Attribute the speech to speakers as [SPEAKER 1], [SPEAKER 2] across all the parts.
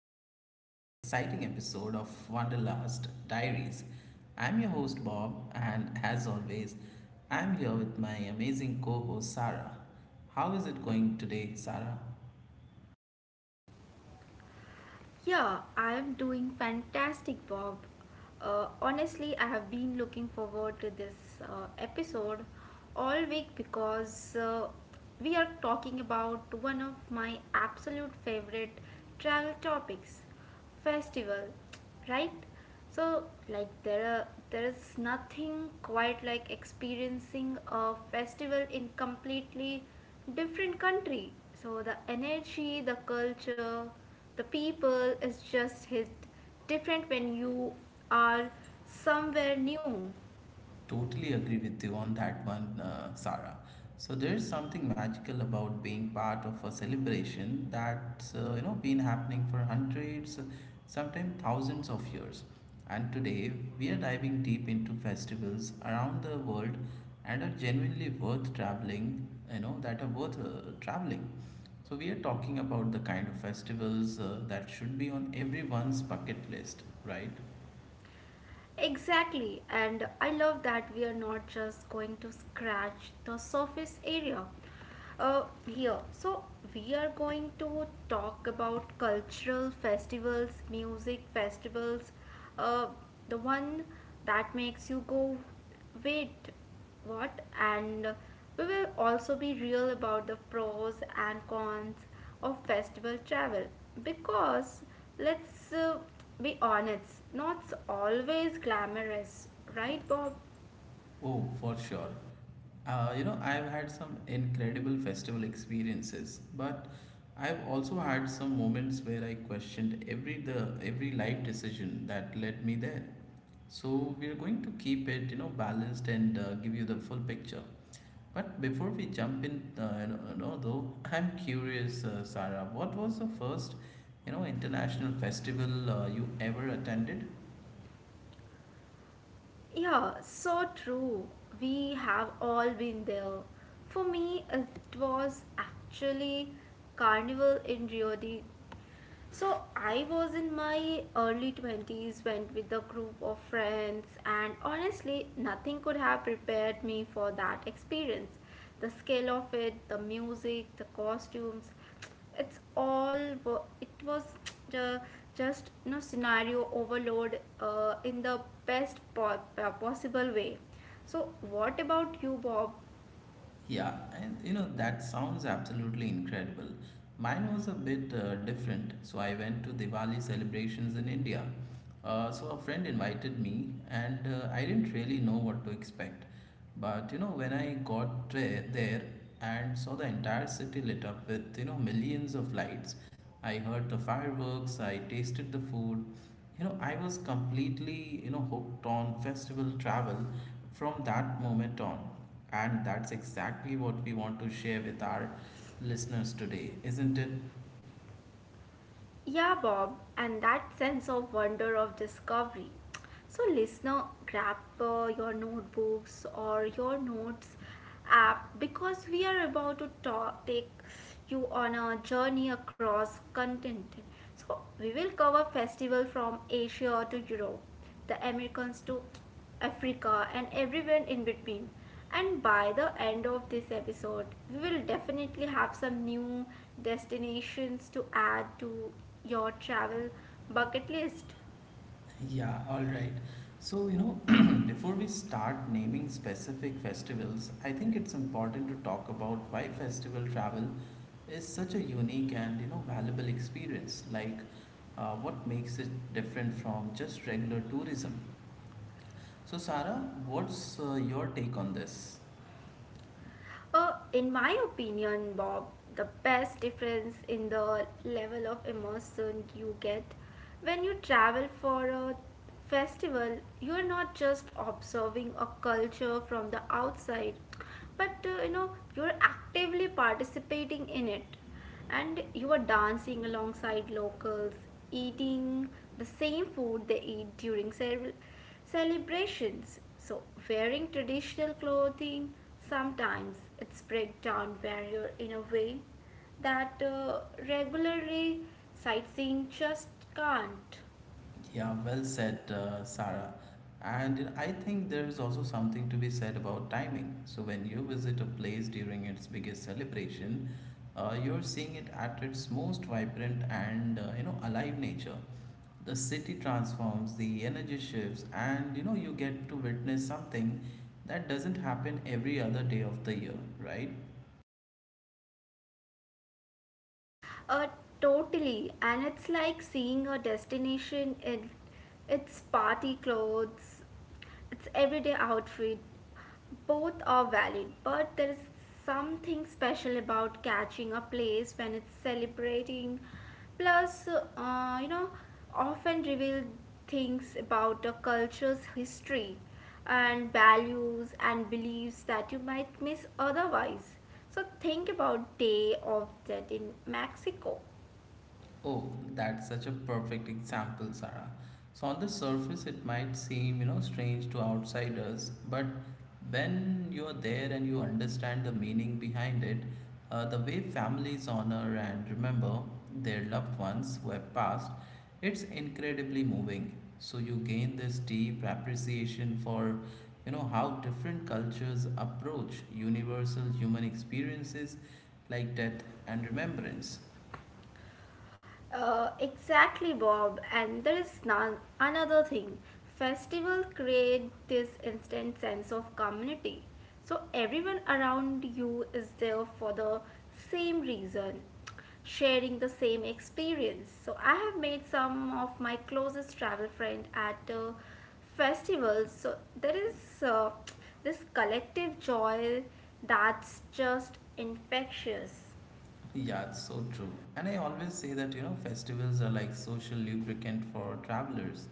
[SPEAKER 1] back to another exciting episode of Wanderlust Diaries. I'm your host Bob, and as always, I'm here with my amazing co host Sarah. How is it going today, Sarah?
[SPEAKER 2] Yeah, I am doing fantastic, Bob. Honestly, I have been looking forward to this episode all week because we are talking about one of my absolute favorite travel topics, festival, right? So, like, there is nothing quite like experiencing a festival in completely different country. So the energy, the culture, the people is just hit different when you are somewhere new.
[SPEAKER 1] Totally agree with you on that one, Sarah. So there's something magical about being part of a celebration that's been happening for hundreds, sometimes thousands of years. And today we are diving deep into festivals around the world and are genuinely worth traveling. You know that are worth traveling. So we are talking about the kind of festivals that should be on everyone's bucket list, right?
[SPEAKER 2] Exactly, and I love that we are not just going to scratch the surface area here. So, we are going to talk about cultural festivals, music festivals, uh, the one that makes you go, wait, what? And we will also be real about the pros and cons of festival travel because let's be honest, not always glamorous, right, Bob?
[SPEAKER 1] Oh, for sure. I've had some incredible festival experiences, but I've also had some moments where I questioned every life decision that led me there. So we're going to keep it, balanced and give you the full picture. But before we jump in, I'm curious, Sarah, what was the first international festival you ever attended?
[SPEAKER 2] Yeah, so true, we have all been there. For me it was actually carnival in Rio de. So I was in my early 20s, went with a group of friends, and honestly, nothing could have prepared me for that experience. The scale of it, the music, the costumes, it's all wa- it was ju- just, you know, scenario overload in the best possible way. So what about you, Bob?
[SPEAKER 1] Yeah, and that sounds absolutely incredible. Mine was a bit different, so I went to Diwali celebrations in India. So a friend invited me, and I didn't really know what to expect. But when I got there and saw the entire city lit up with millions of lights. I heard the fireworks, I tasted the food. I was completely hooked on festival travel from that moment on, and that's exactly what we want to share with our listeners today, isn't it?
[SPEAKER 2] Yeah, Bob, and that sense of wonder of discovery. So, listener, grab your notebooks or your notes app because we are about to take you on a journey across content. So we will cover festival from Asia to Europe, the Americans to Africa and everywhere in between. And by the end of this episode, we will definitely have some new destinations to add to your travel bucket list.
[SPEAKER 1] Yeah, all right. So, before we start naming specific festivals, I think it's important to talk about why festival travel is such a unique and valuable experience. Like, what makes it different from just regular tourism? So, Sarah, what's your take on this?
[SPEAKER 2] In my opinion, Bob, the best difference in the level of immersion you get when you travel for a festival, you're not just observing a culture from the outside, but you know, you're actively participating in it. And you are dancing alongside locals, eating the same food they eat during celebrations. So, wearing traditional clothing sometimes it's break down barrier in a way that regularly sightseeing just can't.
[SPEAKER 1] Yeah, well said, Sarah. And I think there is also something to be said about timing. So, when you visit a place during its biggest celebration, you're seeing it at its most vibrant and alive nature. The city transforms, the energy shifts, and you get to witness something that doesn't happen every other day of the year, right?
[SPEAKER 2] Uh, totally, and it's like seeing a destination in its party clothes, its everyday outfit. Both are valid, but there is something special about catching a place when it's celebrating. Plus, you know, often reveal things about a culture's history and values and beliefs that you might miss otherwise. So think about Day of Dead in Mexico.
[SPEAKER 1] Oh, that's such a perfect example, Sarah. So on the surface, it might seem strange to outsiders, but when you're there and you understand the meaning behind it, the way families honor and remember their loved ones who have passed, it's incredibly moving. So you gain this deep appreciation for how different cultures approach universal human experiences like death and remembrance.
[SPEAKER 2] Exactly, Bob. And there is none, another thing. Festivals create this instant sense of community. So everyone around you is there for the same reason, sharing the same experience. So I have made some of my closest travel friends at festivals. So there is uh, this collective joy that's just infectious.
[SPEAKER 1] Yeah, it's so true. And I always say that festivals are like social lubricant for travelers.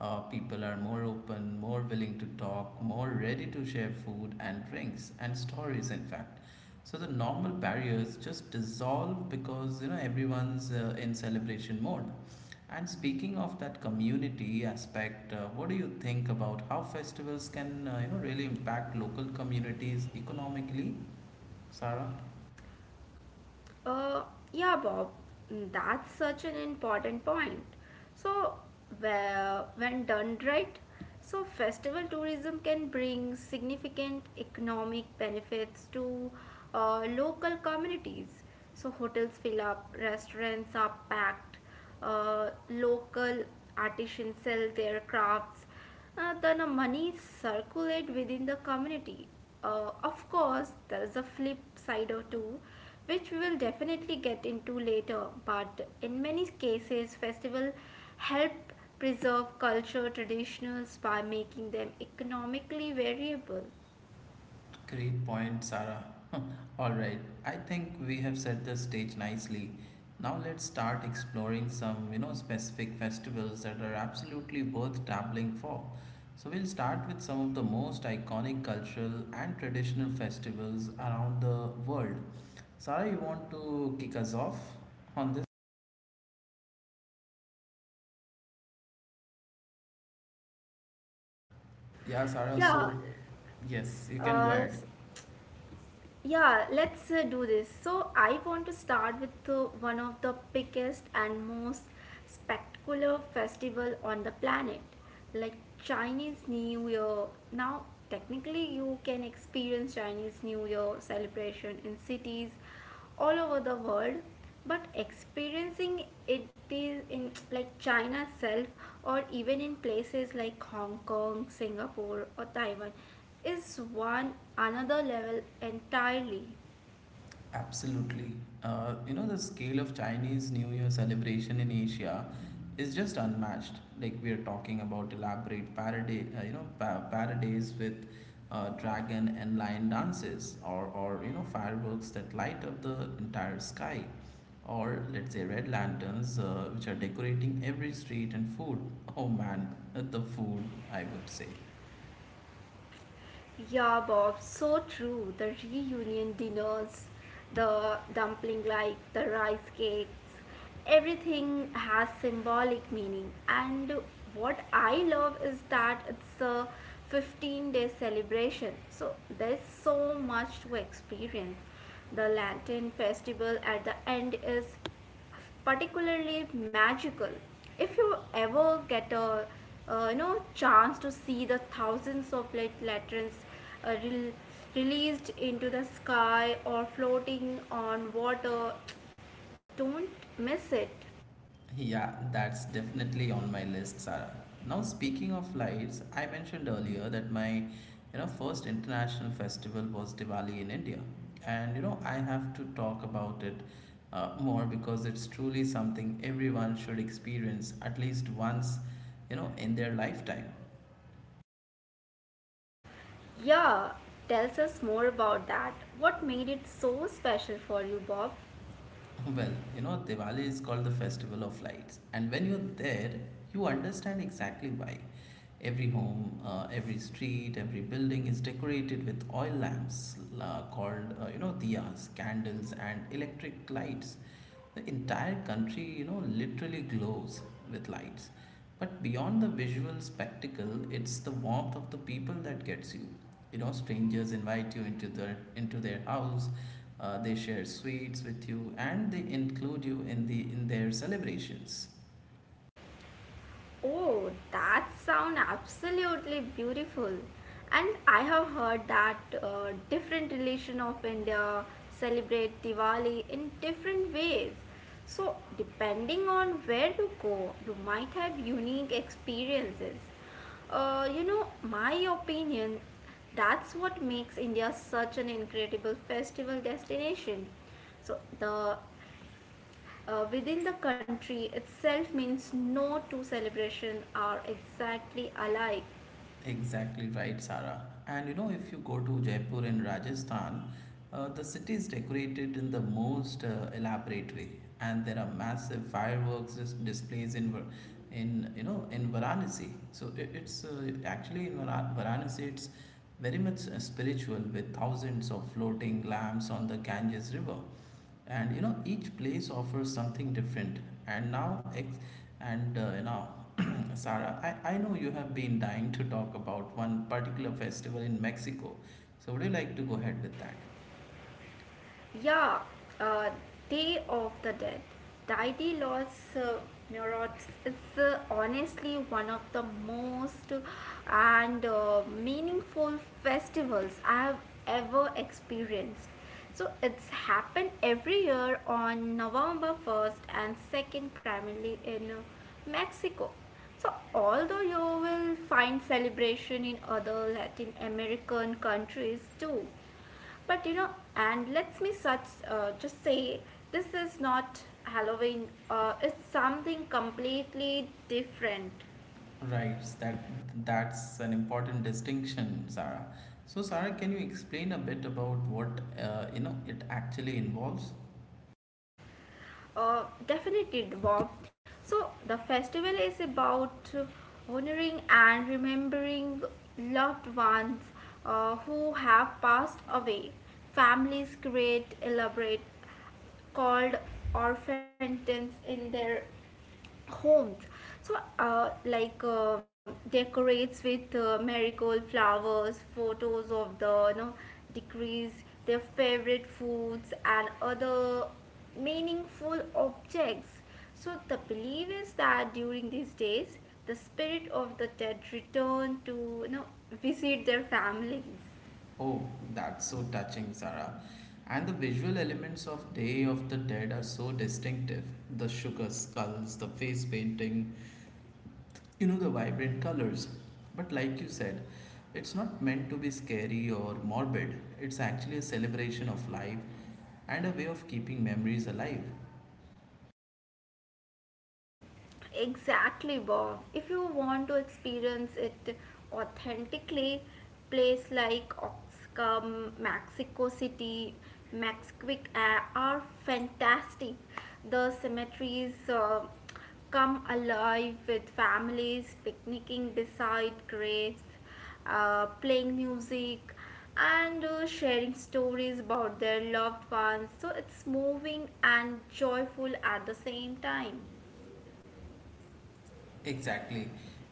[SPEAKER 1] People are more open, more willing to talk, more ready to share food and drinks and stories, in fact. So the normal barriers just dissolve because everyone's in celebration mode. And speaking of that community aspect, what do you think about how festivals can, really impact local communities economically, Sarah?
[SPEAKER 2] Uh, yeah, Bob. Mm, that's such an important point. So, well, when done right, so festival tourism can bring significant economic benefits to local communities. So, hotels fill up, restaurants are packed, local artisans sell their crafts, then money circulate within the community. Of course, there is a flip side or two, which we will definitely get into later. But in many cases, festival help preserve culture traditions by making them economically variable.
[SPEAKER 1] Great point, Sarah. All right, I think we have set the stage nicely. Now let's start exploring some specific festivals that are absolutely worth dabbling for. So we'll start with some of the most iconic cultural and traditional festivals around the world. Sarah, you want to kick us off on this? Yeah, Sarah, so
[SPEAKER 2] Yeah,
[SPEAKER 1] yes, you can go
[SPEAKER 2] uh,
[SPEAKER 1] ahead.
[SPEAKER 2] s- yeah, let's do this. So, I want to start with one of the biggest and most spectacular festival on the planet, like Chinese New Year. Now, technically, you can experience Chinese New Year celebration in cities all over the world, but experiencing it is in like China itself or even in places like Hong Kong, Singapore or Taiwan is one another level entirely.
[SPEAKER 1] Absolutely. The scale of Chinese New Year celebration in Asia is just unmatched. Like, we are talking about elaborate parade, parodies with dragon and lion dances, or fireworks that light up the entire sky, or let's say red lanterns, which are decorating every street and food. Oh man, the food, I would say.
[SPEAKER 2] Yeah, Bob, so true. The reunion dinners, the dumpling like, the rice cakes, everything has symbolic meaning. And what I love is that it's a 15-day celebration. So there's so much to experience. The Lantern Festival at the end is particularly magical. If you ever get a you know chance to see the thousands of light lanterns uh, rel- released into the sky or floating on water, don't miss it.
[SPEAKER 1] Yeah, that's definitely on my list, Sarah. Now, speaking of lights, I mentioned earlier that my first international festival was Diwali in India, and I have to talk about it more because it's truly something everyone should experience at least once in their lifetime.
[SPEAKER 2] Yeah, tells us more about that. What made it so special for you, Bob?
[SPEAKER 1] Well, Diwali is called the festival of lights, and when you're there, you understand exactly why. Every home, every street, every building is decorated with oil lamps called, diyas, candles, and electric lights. The entire country, literally glows with lights. But beyond the visual spectacle, it's the warmth of the people that gets you. Strangers invite you into their house. They share sweets with you, and they include you in their celebrations.
[SPEAKER 2] Oh, that sound absolutely beautiful. And I have heard that different religion of India celebrate Diwali in different ways. So depending on where you go, you might have unique experiences. You know, my opinion, that's what makes India such an incredible festival destination. So the within the country itself means no two celebrations are exactly alike.
[SPEAKER 1] Exactly right, Sarah. And if you go to Jaipur in Rajasthan, the city is decorated in the most elaborate way, and there are massive fireworks displays in Varanasi. So it's actually in Varanasi. It's very much spiritual, with thousands of floating lamps on the Ganges River, and each place offers something different. And now ex- and you know Sarah, I know you have been dying to talk about one particular festival in Mexico. So would you like to go ahead with that?
[SPEAKER 2] Yeah, uh, Day of the Dead. Daidalos Murats is honestly one of the most and meaningful festivals I have ever experienced. So it's happened every year on November 1st and 2nd, primarily in Mexico. So, although you will find celebration in other Latin American countries too, but you know, and let's me such just say, this is not Halloween. It's something completely different.
[SPEAKER 1] Right, that's an important distinction, Sarah. So, Sarah, can you explain a bit about what it actually involves?
[SPEAKER 2] Definitely, Bob. So the festival is about honoring and remembering loved ones who have passed away. Families create elaborate called orphantines in their homes, so like decorates with marigold flowers, photos of the you know decrees, their favorite foods and other meaningful objects. So the belief is that during these days the spirit of the dead return to, you know, visit their families.
[SPEAKER 1] Oh, that's so touching, Sarah. And the visual elements of Day of the Dead are so distinctive. The sugar skulls, the face painting the vibrant colors. But like you said, it's not meant to be scary or morbid. It's actually a celebration of life and a way of keeping memories alive.
[SPEAKER 2] Exactly, Bob. If you want to experience it authentically, place like Oaxaca, Mexico City, Maxquick are fantastic. The cemeteries come alive with families picnicking beside graves, playing music, and sharing stories about their loved ones. So it's moving and joyful at the same time.
[SPEAKER 1] Exactly.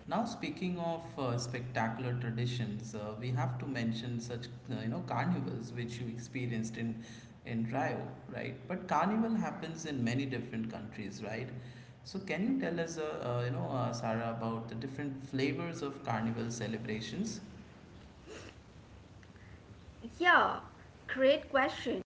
[SPEAKER 1] Now, speaking of spectacular traditions, we have to mention such carnivals, which you experienced in Rio, right? But carnival happens in many different countries, right? So, can you tell us, Sarah, about the different flavors of carnival celebrations?
[SPEAKER 2] Yeah, great question.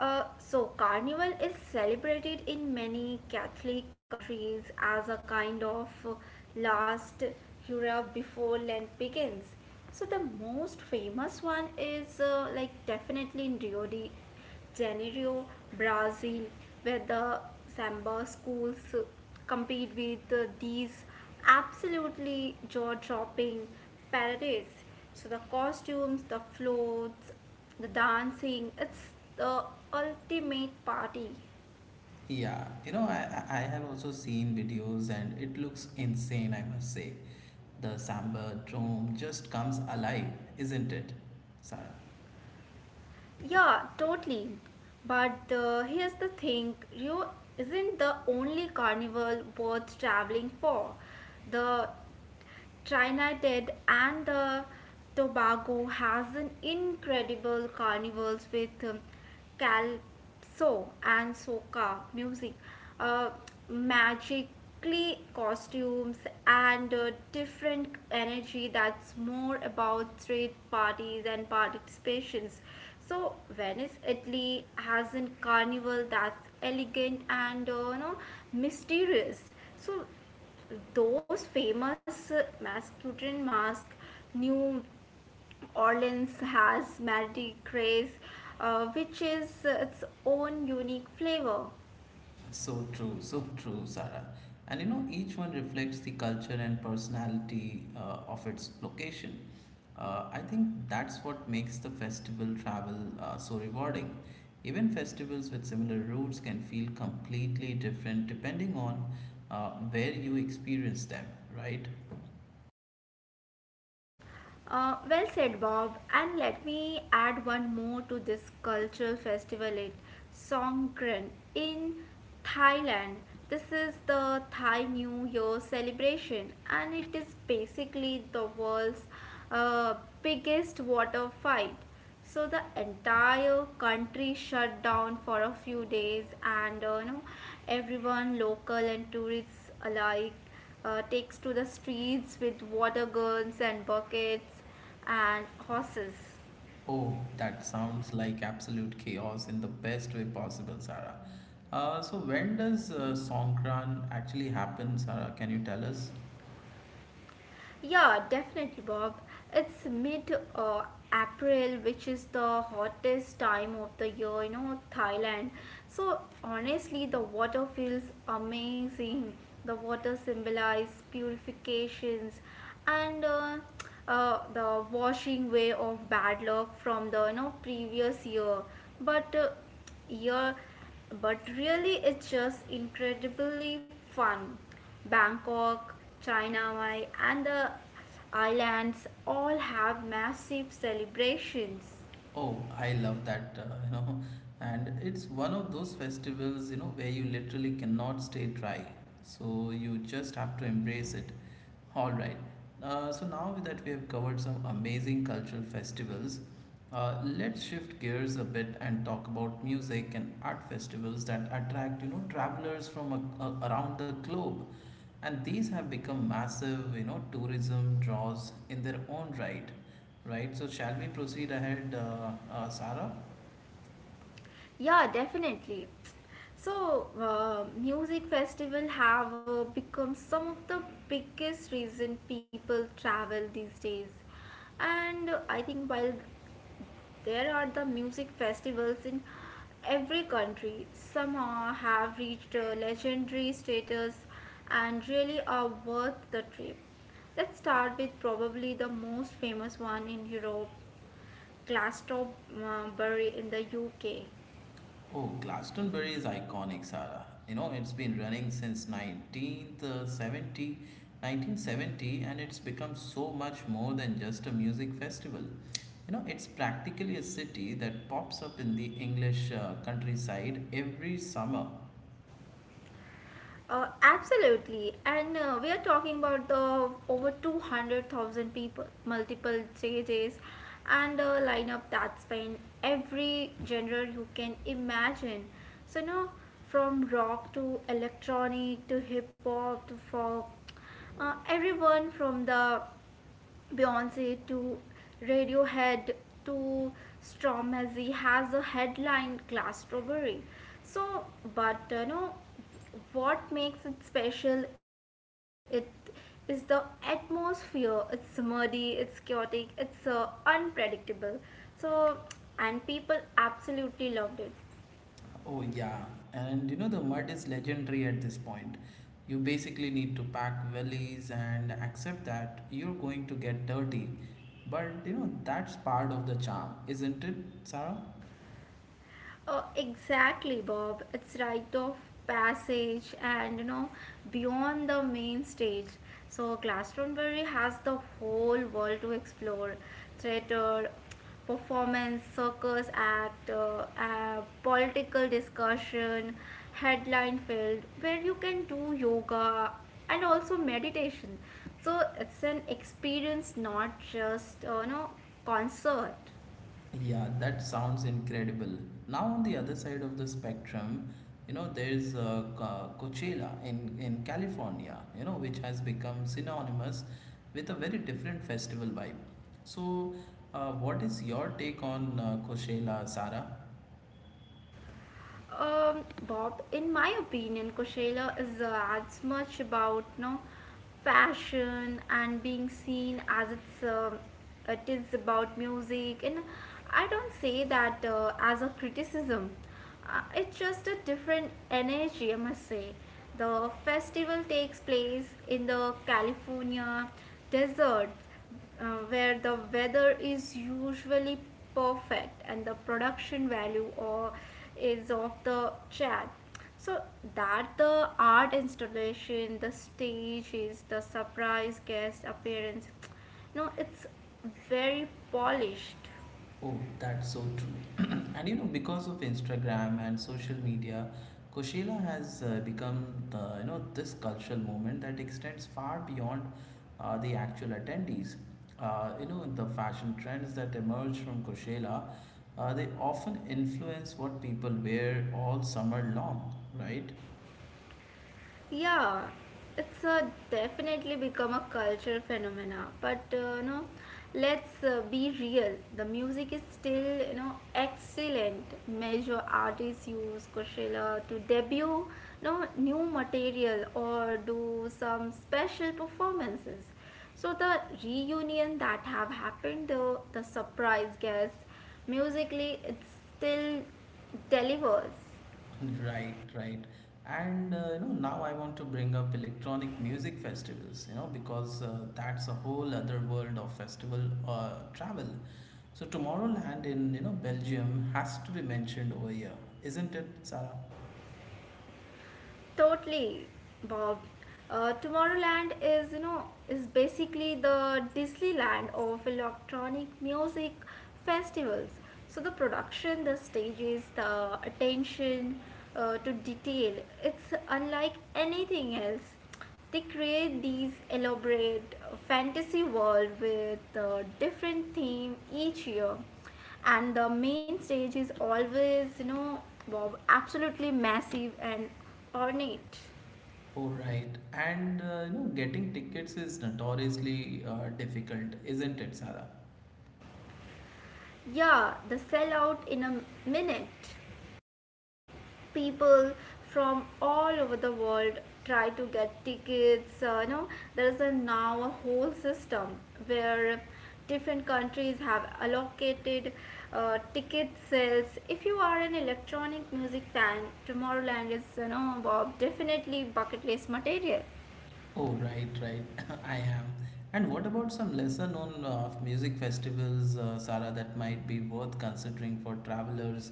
[SPEAKER 2] So, Carnival is celebrated in many Catholic countries as a kind of last hurrah before Lent begins. So, the most famous one is like definitely in Rio de Janeiro, Brazil, where the samba schools compete with these absolutely jaw dropping parades. So the costumes, the floats, the dancing, it's the ultimate party.
[SPEAKER 1] Yeah, I have also seen videos and it looks insane, I must say. The samba drome just comes alive, isn't it, Sarah?
[SPEAKER 2] Yeah, totally. But here's the thing, Rio isn't the only carnival worth traveling for. The Trinidad and the Tobago has an incredible carnivals with calypso and soca music, uh, magically costumes, and different energy that's more about street parties and participations. So Venice, Italy has a carnival that's elegant and you know mysterious. So those famous Masculine Mask, New Orleans has Mardi Gras, which is its own unique flavor.
[SPEAKER 1] So true, Sarah. And each one reflects the culture and personality of its location. I think that's what makes the festival travel so rewarding. Even festivals with similar roots can feel completely different depending on where you experience them, right?
[SPEAKER 2] Well said, Bob. And let me add one more to this cultural festival, it Songkran in Thailand. This is the Thai New Year celebration, and it is basically the world's uh, biggest water fight. So the entire country shut down for a few days and you know everyone local and tourists alike takes to the streets with water guns and buckets and horses.
[SPEAKER 1] Oh, that sounds like absolute chaos in the best way possible, Sarah. So, when does Songkran actually happen, Sarah? Can you tell us?
[SPEAKER 2] Yeah, definitely, Bob. It's mid April, which is the hottest time of the year, you know, Thailand. So, honestly, the water feels amazing. The water symbolizes purifications and the washing away of bad luck from the you know, previous year. But uh, year but really it's just incredibly fun. Bangkok, Chiang Mai, and the islands all have massive celebrations.
[SPEAKER 1] Oh, I love that, and it's one of those festivals where you literally cannot stay dry. So you just have to embrace it. All right. So now that we have covered some amazing cultural festivals, let's shift gears a bit and talk about music and art festivals that attract travelers from around the globe, and these have become massive tourism draws in their own right. Right, so shall we proceed ahead, Sarah?
[SPEAKER 2] Yeah, definitely. So, music festival have become some of the biggest reason people travel these days. And I think while there are the music festivals in every country. Some have reached a legendary status and really are worth the trip. Let's start with probably the most famous one in Europe, Glastonbury in the UK.
[SPEAKER 1] Oh, Glastonbury is iconic, Sarah. It's been running since 19th uh, 70 1970, and it's become so much more than just a music festival. It's practically a city that pops up in the English countryside every summer.
[SPEAKER 2] Absolutely. And we are talking about the over 200,000 people, multiple JJs, and a lineup that span every genre you can imagine. So, now from rock to electronic to hip hop to folk, everyone from the Beyonce to Radiohead to Stromae has a headline Glass Strawberry. So, but you know, what makes it special? It is the atmosphere. It's muddy, it's chaotic, it's unpredictable. So, and people absolutely loved it.
[SPEAKER 1] Oh, yeah. And the mud is legendary at this point. You basically need to pack wellies and accept that you're going to get dirty. But that's part of the charm, isn't it, Sarah?
[SPEAKER 2] Exactly, Bob. It's rite of passage, and you know beyond the main stage. So Glastonbury has the whole world to explore: theater, performance, circus act, political discussion, headline field, where you can do yoga and also meditation. So it's an experience, not just you know concert.
[SPEAKER 1] Yeah, that sounds incredible. Now, on the other side of the spectrum there's Coachella in California which has become synonymous with a very different festival vibe. So, what is your take on Coachella, Sarah?
[SPEAKER 2] Bob, in my opinion, Coachella is as much about you know, fashion and being seen as it is about music, and I don't say that as a criticism. It's just a different energy, I must say. The festival takes place in the California desert, where the weather is usually perfect and the production value or is of the chat. So that the art installation, the stage is the surprise guest appearance. No, it's very polished.
[SPEAKER 1] Oh, that's so true. And because of Instagram and social media, Coachella has become the you know this cultural movement that extends far beyond the actual attendees. The fashion trends that emerge from Coachella, they often influence what people wear all summer long, right?
[SPEAKER 2] Yeah, it's definitely become a cultural phenomena. But you know, let's be real. The music is still you know excellent. Major artists use Coachella to debut you know, new material or do some special performances. So the reunion that have happened, the surprise guests, musically, it still delivers.
[SPEAKER 1] Right, right. And now I want to bring up electronic music festivals because that's a whole other world of festival travel. So Tomorrowland in Belgium has to be mentioned over here, isn't it, Sarah?
[SPEAKER 2] Totally, Bob. Tomorrowland is, you know, is basically the Disneyland of electronic music festivals. So the production, the stages, the attention to detail, it's unlike anything else. They create these elaborate fantasy world with different theme each year, and the main stage is always, you know, wow, absolutely massive and ornate.
[SPEAKER 1] Oh, right. And getting tickets is notoriously difficult, isn't it, Sarah?
[SPEAKER 2] Yeah, the sellout in a minute. People from all over the world try to get tickets, you know, there is a now a whole system where different countries have allocated ticket sales. If you are an electronic music fan, Tomorrowland is, you know, Bob, definitely bucket list material.
[SPEAKER 1] Oh, right, right. I am. And what about some lesser known music festivals, Sara, that might be worth considering for travelers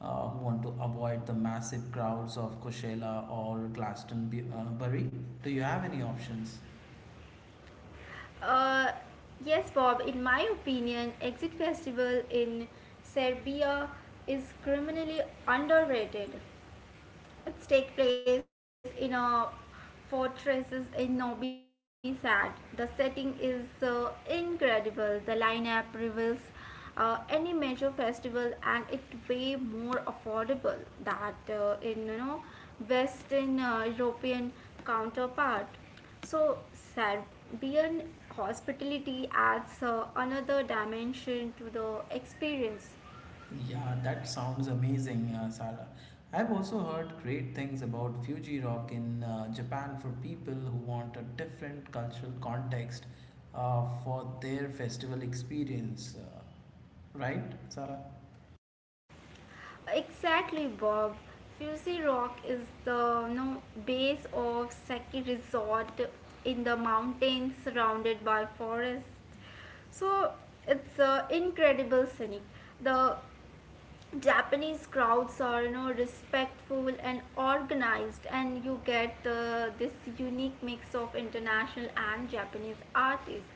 [SPEAKER 1] who want to avoid the massive crowds of Coachella or Glastonbury? Do you have any options?
[SPEAKER 2] Uh, yes, Bob, in my opinion, Exit Festival in Serbia is criminally underrated. It takes place in a fortress in Novi Sad. The setting is incredible. The lineup reveals any major festival, and it way more affordable that in, you know, Western European counterpart. So Serbian hospitality adds another dimension to the experience.
[SPEAKER 1] Yeah, that sounds amazing, Sarah. I've also heard great things about Fuji Rock in Japan for people who want a different cultural context for their festival experience. Right, Sarah?
[SPEAKER 2] Exactly, Bob. Fuzzy Rock is the, you know, base of Seki Resort in the mountains surrounded by forests. So it's incredible scenic. The Japanese crowds are, you know, respectful and organized, and you get this unique mix of international and Japanese artists.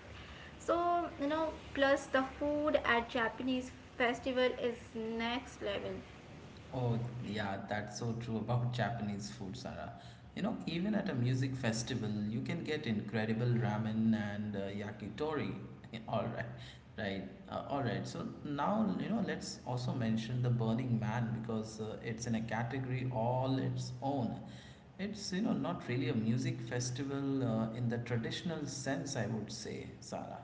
[SPEAKER 2] So, you know, plus the food at Japanese festival is next level.
[SPEAKER 1] Oh, yeah, that's so true about Japanese food, Sarah. You know, even at a music festival, you can get incredible ramen and yakitori. All right, right, all right. So now, let's also mention the Burning Man because it's in a category all its own. It's, not really a music festival in the traditional sense, I would say, Sarah.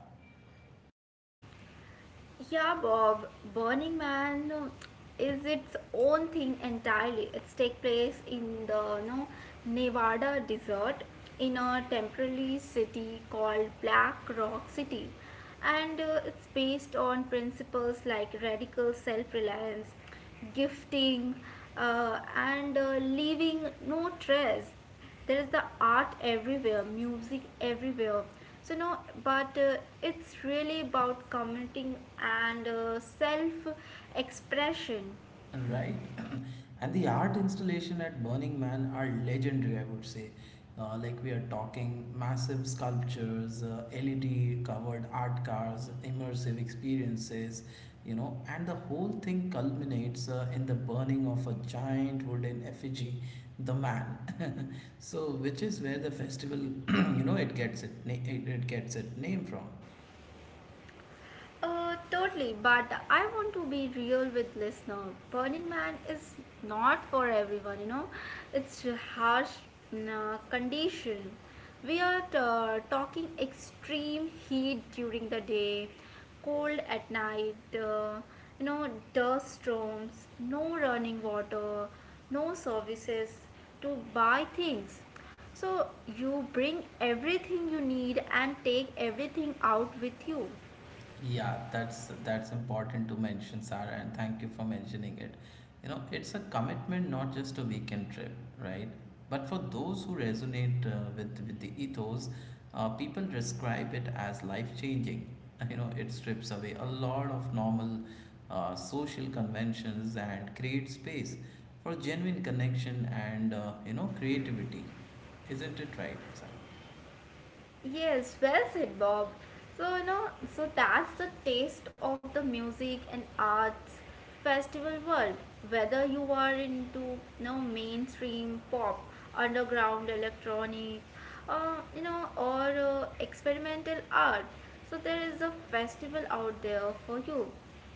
[SPEAKER 2] Yeah, Bob, Burning Man is its own thing entirely. It's take place in the, you know, Nevada desert in a temporary city called Black Rock City. And it's based on principles like radical self-reliance, gifting, and leaving no trace. There is the art everywhere, music everywhere, so no, but it's really about commenting and self expression.
[SPEAKER 1] Right. And the art installation at Burning Man are legendary, I would say. Like we are talking massive sculptures, LED covered art cars, immersive experiences, and the whole thing culminates in the burning of a giant wooden effigy, the man. So, which is where the festival, it gets it, na- it gets its name from.
[SPEAKER 2] Totally, but I want to be real with listener. Burning Man is not for everyone, you know. It's a harsh condition. We are talking extreme heat during the day, cold at night, you know, dust storms, no running water, no services to buy things. So you bring everything you need and take everything out with you.
[SPEAKER 1] Yeah, that's important to mention, Sarah, and thank you for mentioning it. You know, it's a commitment, not just a weekend trip, right? But for those who resonate with the ethos, people describe it as life-changing. You know, it strips away a lot of normal social conventions and creates space for genuine connection and you know creativity. Isn't it right, Sarah?
[SPEAKER 2] Yes, well said, Bob. So, you know, so that's the taste of the music and arts festival world. Whether you are into, you know, mainstream pop, underground electronic, you know, or experimental art, so there is a festival out there for you.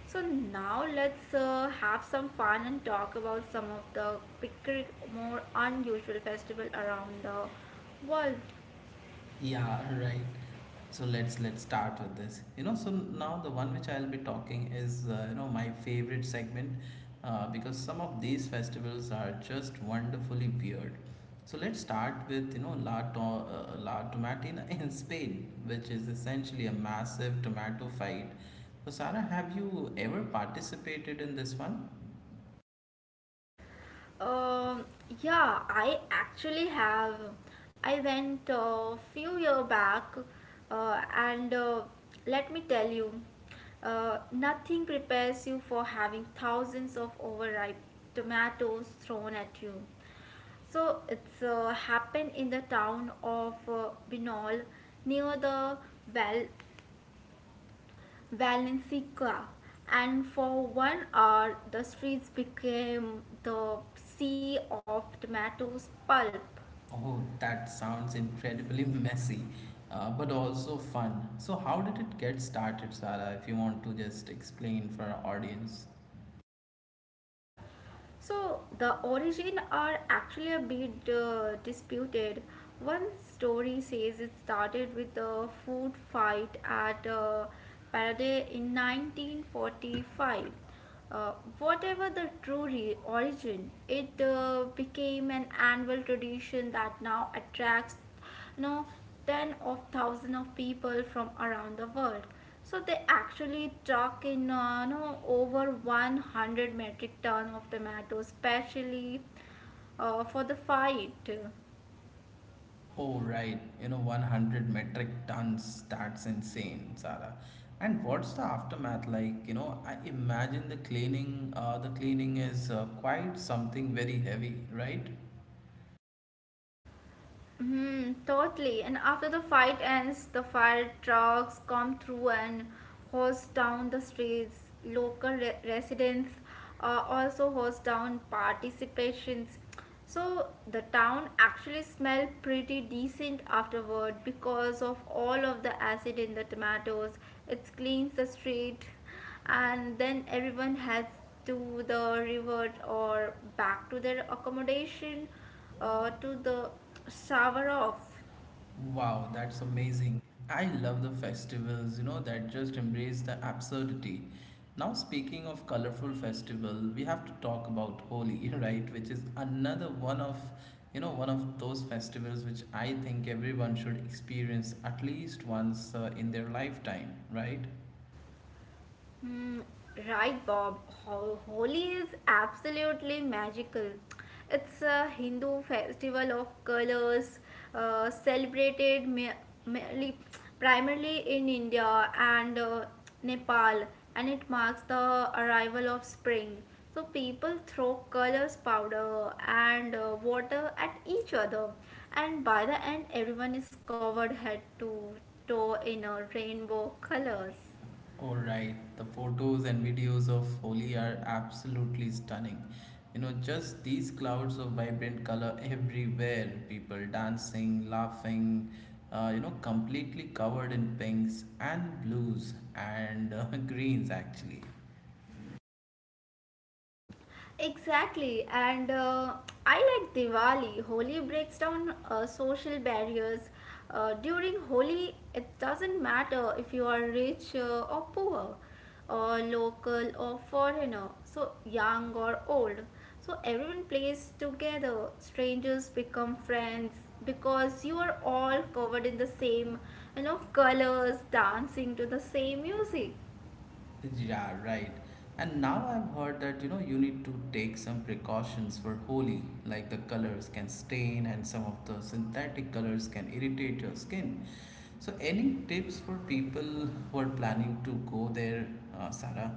[SPEAKER 2] So now let's have some fun and talk about some of the quicker, more unusual festival around the world.
[SPEAKER 1] Yeah, right. So let's start with this. You know, so now the one which I'll be talking is my favorite segment because some of these festivals are just wonderfully weird. So let's start with La Tomatina in Spain, which is essentially a massive tomato fight. So Sarah, have you ever participated in this one?
[SPEAKER 2] Um, yeah, I actually have. I went a few year back, and let me tell you, nothing prepares you for having thousands of overripe tomatoes thrown at you. So it's happened in the town of Binol near the, well, Valencica, and for 1 hour the streets became the sea of tomatoes pulp.
[SPEAKER 1] Oh, that sounds incredibly messy, but also fun. So, how did it get started, Sara? If you want to just explain for our audience.
[SPEAKER 2] So the origin are actually a bit disputed. One story says it started with a food fight at Paradise in 1945. Uh, Whatever the true origin, it became an annual tradition that now attracts, you know, ten of thousand of people from around the world. So they actually truck in, no over 100 metric ton of tomatoes, especially for the fight.
[SPEAKER 1] Oh, right. You know, 100 metric tons. That's insane, Sara. And what's the aftermath like? You know, I imagine the cleaning. The cleaning is quite something very heavy, right?
[SPEAKER 2] Hmm, totally. And after the fight ends, the fire trucks come through and hose down the streets. Local residents also hose down participations. So the town actually smelled pretty decent afterward because of all of the acid in the tomatoes. It cleans the street, and then everyone has to the revert or back to their accommodation to the shower off.
[SPEAKER 1] Wow, that's amazing. I love the festivals, you know, that just embrace the absurdity. Now, speaking of colorful festival, we have to talk about Holi, right? Which is another one of, you know, one of those festivals which I think everyone should experience at least once in their lifetime, right?
[SPEAKER 2] Mm, right, Bob. Holi is absolutely magical. It's a Hindu festival of colors, celebrated merely, primarily in India and Nepal, and it marks the arrival of spring. So people throw colors, powder, and water at each other, and by the end, everyone is covered head to toe in a rainbow colors.
[SPEAKER 1] All right, the photos and videos of Holi are absolutely stunning. You know, just these clouds of vibrant color everywhere, people dancing, laughing, you know, completely covered in pinks and blues and greens actually.
[SPEAKER 2] Exactly, and I like Diwali. Holi breaks down social barriers. During Holi, it doesn't matter if you are rich or poor, or local or foreigner, so young or old. So everyone plays together. Strangers become friends because you are all covered in the same, you know, colors, dancing to the same music.
[SPEAKER 1] Yeah, right. And now I've heard that you know you need to take some precautions for Holi, like the colors can stain and some of the synthetic colors can irritate your skin. So, any tips for people who are planning to go there, Sarah?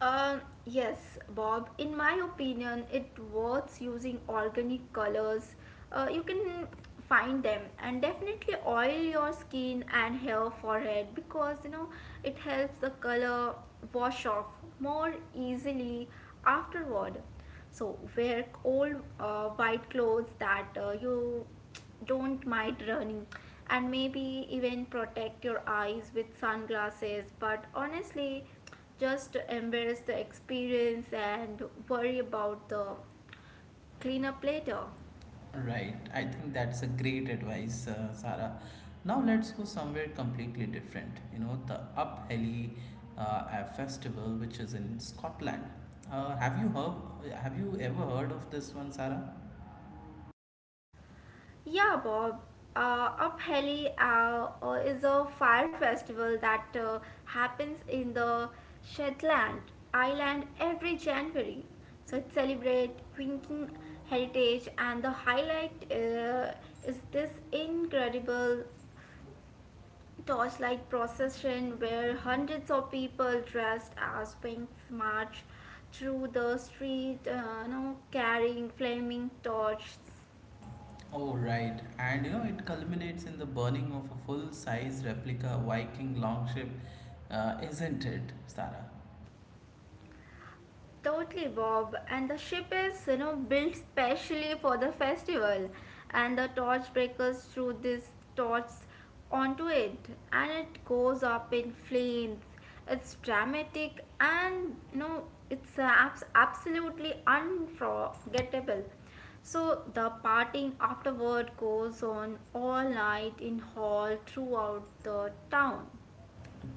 [SPEAKER 2] Yes, Bob. In my opinion, it worth using organic colors. You can find them, and definitely oil your skin and hair, forehead, because, you know, it helps the color wash off more easily afterward. So wear old white clothes that you don't mind running, and maybe even protect your eyes with sunglasses, but honestly, just embrace the experience and worry about the cleanup later.
[SPEAKER 1] Right, I think that's a great advice, Sarah. Now let's go somewhere completely different. You know, the Upheli festival, which is in Scotland. Uh, have you heard? Have you ever heard of this one, Sarah?
[SPEAKER 2] Yeah, Bob. Upheli is a fire festival that happens in the Shetland Island every January. So it celebrates Viking heritage, and the highlight is this incredible torchlight procession where hundreds of people dressed as Winks march through the street, you know, carrying flaming torches.
[SPEAKER 1] Oh, right. And you know, it culminates in the burning of a full size replica Viking longship, isn't it, Sarah?
[SPEAKER 2] Totally, Bob. And the ship is, you know, built specially for the festival, and the torch breakers threw these torches onto it, and it goes up in flames. It's dramatic, and, you know, it's absolutely unforgettable. So the partying afterward goes on all night in hall throughout the town.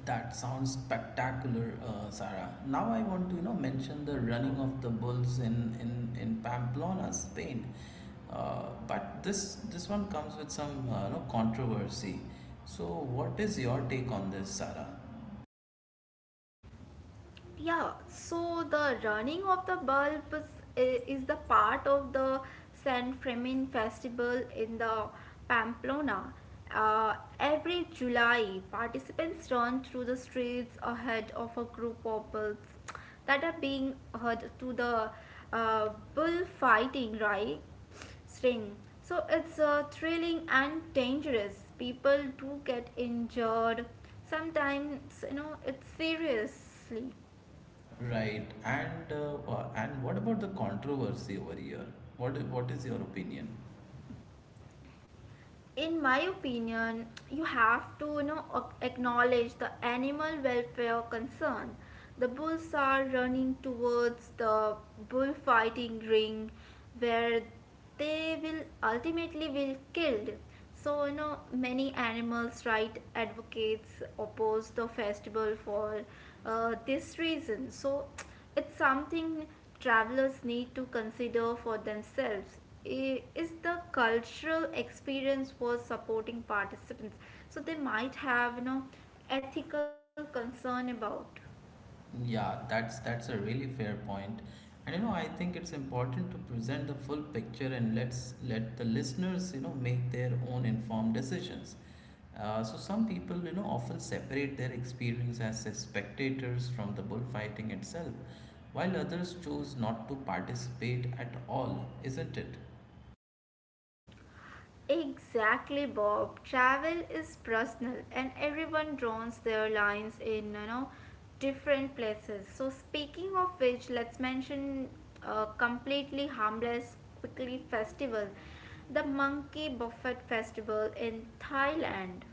[SPEAKER 1] That sounds spectacular, Sarah. Now I want to, you know, mention the running of the bulls in Pamplona, Spain. But this one comes with some controversy. So, what is your take on this, Sarah?
[SPEAKER 2] Yeah, so the running of the bulbs is the part of the San Fermin festival in the Pamplona. Every July, participants run through the streets ahead of a group of bulls that are being heard to the uh, bullfighting right string. So it's thrilling and dangerous. People do get injured. Sometimes, you know, it's seriously.
[SPEAKER 1] Right. And what about the controversy over here? What is your opinion?
[SPEAKER 2] In my opinion, you have to, you know, acknowledge the animal welfare concern. The bulls are running towards the bullfighting ring where they will ultimately will killed. So, you know, many animals right advocates oppose the festival for this reason. So it's something travelers need to consider for themselves. Is the cultural experience worth supporting participants? So they might have, you know, ethical concern about.
[SPEAKER 1] Yeah, that's a really fair point. And you know, I think it's important to present the full picture and let's let the listeners, you know, make their own informed decisions. So some people, you know, often separate their experience as spectators from the bullfighting itself, while others chose not to participate at all, isn't it?
[SPEAKER 2] Exactly, Bob. Travel is personal, and everyone draws their lines in, you know, different places. So, speaking of which, let's mention a completely harmless, quickly festival, the Monkey Buffet Festival in Thailand.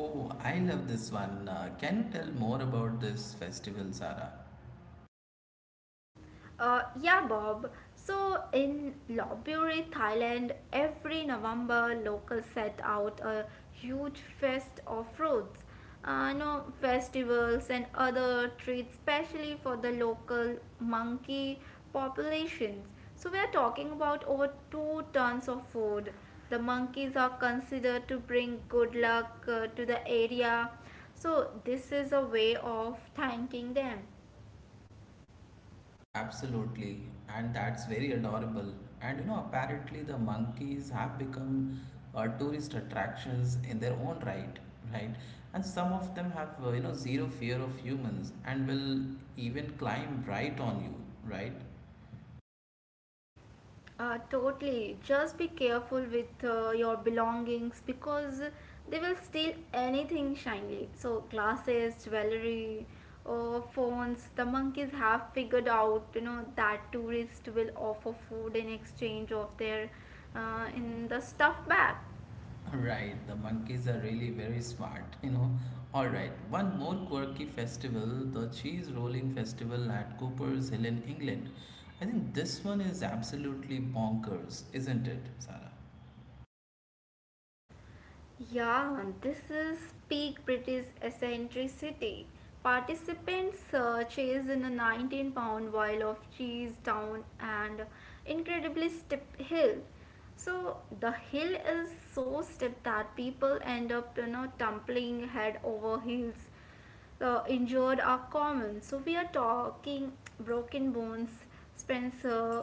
[SPEAKER 1] Oh, I love this one. Can you tell more about this festival, Sara?
[SPEAKER 2] Yeah, Bob. So in Lopburi, Thailand, every November, locals set out a huge fest of fruits, you know, festivals and other treats, especially for the local monkey populations. So we are talking about over two tons of food. The monkeys are considered to bring good luck to the area. So this is a way of thanking them.
[SPEAKER 1] Absolutely, and that's very adorable. And you know, apparently the monkeys have become tourist attractions in their own right, right? And some of them have zero fear of humans and will even climb right on you, right?
[SPEAKER 2] Totally. Just be careful with your belongings because they will steal anything shiny. So, glasses, jewelry, or phones. The monkeys have figured out, you know, that tourists will offer food in exchange of their in the stuff bag.
[SPEAKER 1] Right, the monkeys are really very smart, you know. All right, one more quirky festival, the Cheese Rolling Festival at Cooper's Hill in England. I think this one is absolutely bonkers, isn't it, Sarah?
[SPEAKER 2] Yeah, this is peak British eccentricity. Participants chased in a 19 pound vial of cheese down an incredibly steep hill. So, the hill is so steep that people end up, you know, tumbling head over heels. The injured are common. So, we are talking broken bones, Spencer,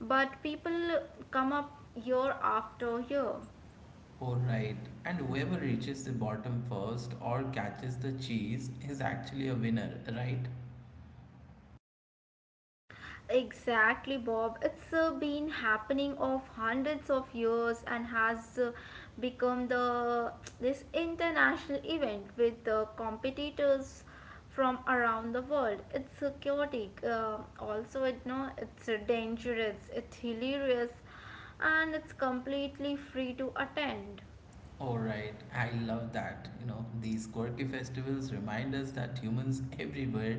[SPEAKER 2] but people come up year after year.
[SPEAKER 1] Alright, and whoever reaches the bottom first or catches the cheese is actually a winner, right?
[SPEAKER 2] Exactly, Bob. It's been happening of hundreds of years and has become the this international event with competitors from around the world. It's chaotic. Also, it no, it's dangerous. It's hilarious, and it's completely free to attend.
[SPEAKER 1] All right, I love that. You know, these quirky festivals remind us that humans everywhere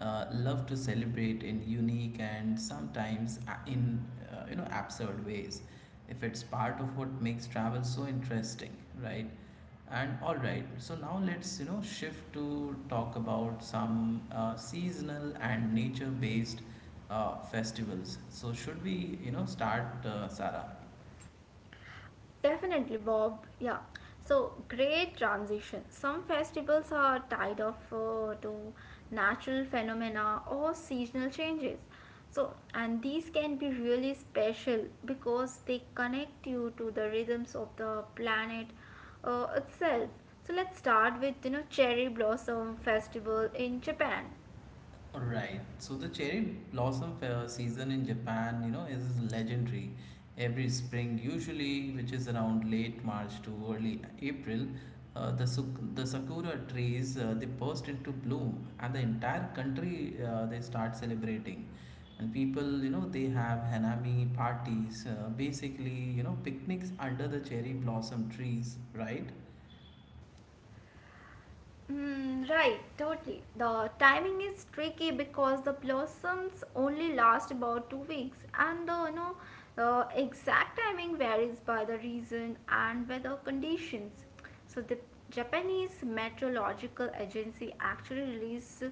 [SPEAKER 1] love to celebrate in unique and sometimes in you know absurd ways. If it's part of what makes travel so interesting, right? And all right, so now let's you know shift to talk about some seasonal and nature-based festivals. So should we you know start, Sarah?
[SPEAKER 2] Definitely, Bob. Yeah. So great transition. Some festivals are tied off to natural phenomena or seasonal changes. So, and these can be really special because they connect you to the rhythms of the planet itself. So let's start with, you know, cherry blossom festival in Japan.
[SPEAKER 1] Right. So the cherry blossom fair season in Japan, you know, is legendary. Every spring, usually, which is around late March to early April, the the sakura trees they burst into bloom, and the entire country they start celebrating. And people, you know, they have hanami parties, basically, you know, picnics under the cherry blossom trees, right?
[SPEAKER 2] Mm, right, totally. The timing is tricky because the blossoms only last about 2 weeks, and the, you know, the exact timing varies by the region and weather conditions. So the Japanese Meteorological Agency actually released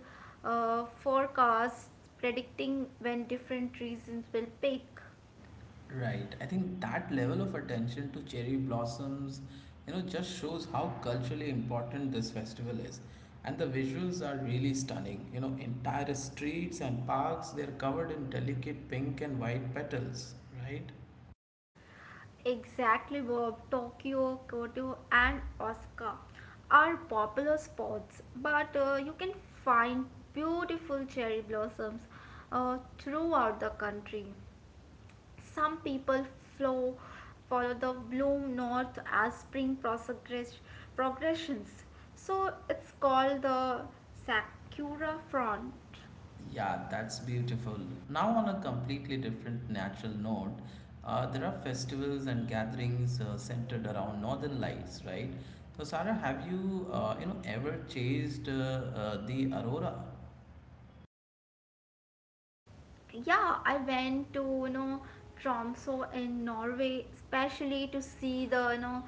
[SPEAKER 2] forecasts predicting when different regions will peak.
[SPEAKER 1] Right. I think that level of attention to cherry blossoms, you know, just shows how culturally important this festival is. And the visuals are really stunning. You know, entire streets and parks, they're covered in delicate pink and white petals, right?
[SPEAKER 2] Exactly, Bob. Tokyo, Kyoto, and Osaka are popular spots, but you can find beautiful cherry blossoms throughout the country. Some people flow, follow the bloom north as progressions, so it's called the Sakura front.
[SPEAKER 1] Yeah, that's beautiful. Now, on a completely different natural note, there are festivals and gatherings centered around northern lights, right? So, Sarah, have you, you know, ever chased the aurora?
[SPEAKER 2] Yeah, I went to, you know, Tromsø in Norway especially to see the, you know,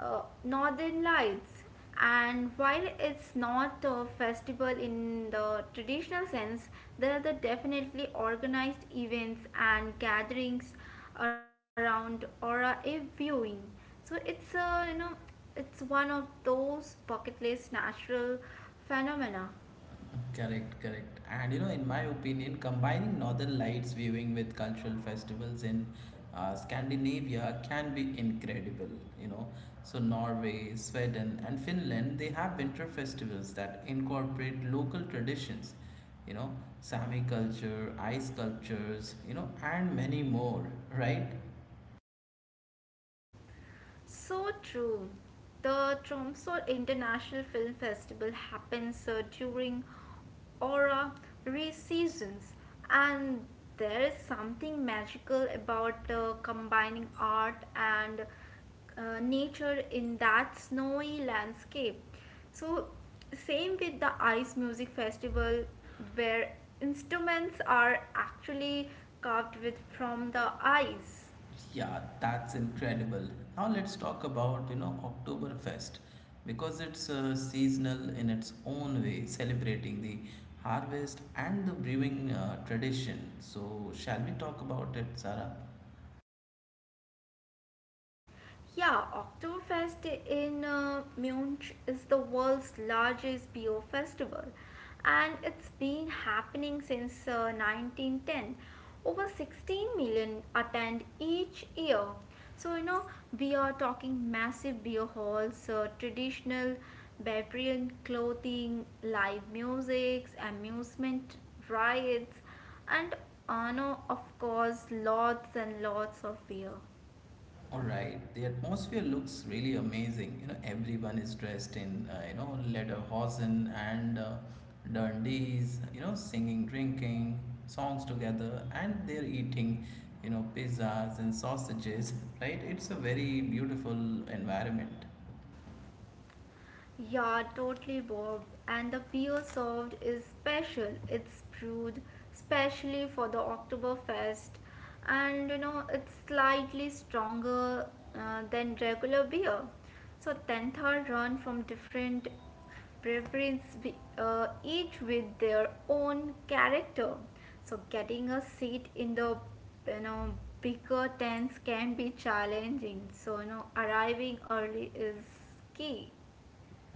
[SPEAKER 2] northern lights. And while it's not a festival in the traditional sense, there are the definitely organized events and gatherings around aura viewing, so it's a, you know, it's one of those bucket list natural phenomena.
[SPEAKER 1] Correct, correct. And you know, in my opinion, combining Northern Lights viewing with cultural festivals in Scandinavia can be incredible, you know. So, Norway, Sweden, and Finland, they have winter festivals that incorporate local traditions, you know, Sami culture, ice sculptures, you know, and many more, right?
[SPEAKER 2] So true. The Tromsø International Film Festival happens during aura seasons, and there is something magical about combining art and nature in that snowy landscape. So, same with the Ice Music Festival, where instruments are actually carved with from the ice.
[SPEAKER 1] Yeah, that's incredible. Now let's talk about, you know, Oktoberfest because it's seasonal in its own way, celebrating the harvest and the brewing tradition. So, shall we talk about it, Sarah?
[SPEAKER 2] Yeah, Oktoberfest in Munich is the world's largest beer festival, and it's been happening since 1910. Over 16 million attend each year. So, you know, we are talking massive beer halls, traditional Bavarian clothing, live music, amusement rides, and, no, of course, lots and lots of beer.
[SPEAKER 1] All right, the atmosphere looks really amazing. You know, everyone is dressed in, you know, lederhosen and dundies, you know, singing, drinking songs together, and they're eating, you know, pizzas and sausages, right? It's a very beautiful environment.
[SPEAKER 2] Yeah, totally, Bob. And the beer served is special. It's brewed specially for the Oktoberfest, and you know it's slightly stronger than regular beer. So tenth are run from different breweries, each with their own character. So getting a seat in the you know bigger tents can be challenging. So you know arriving early is key.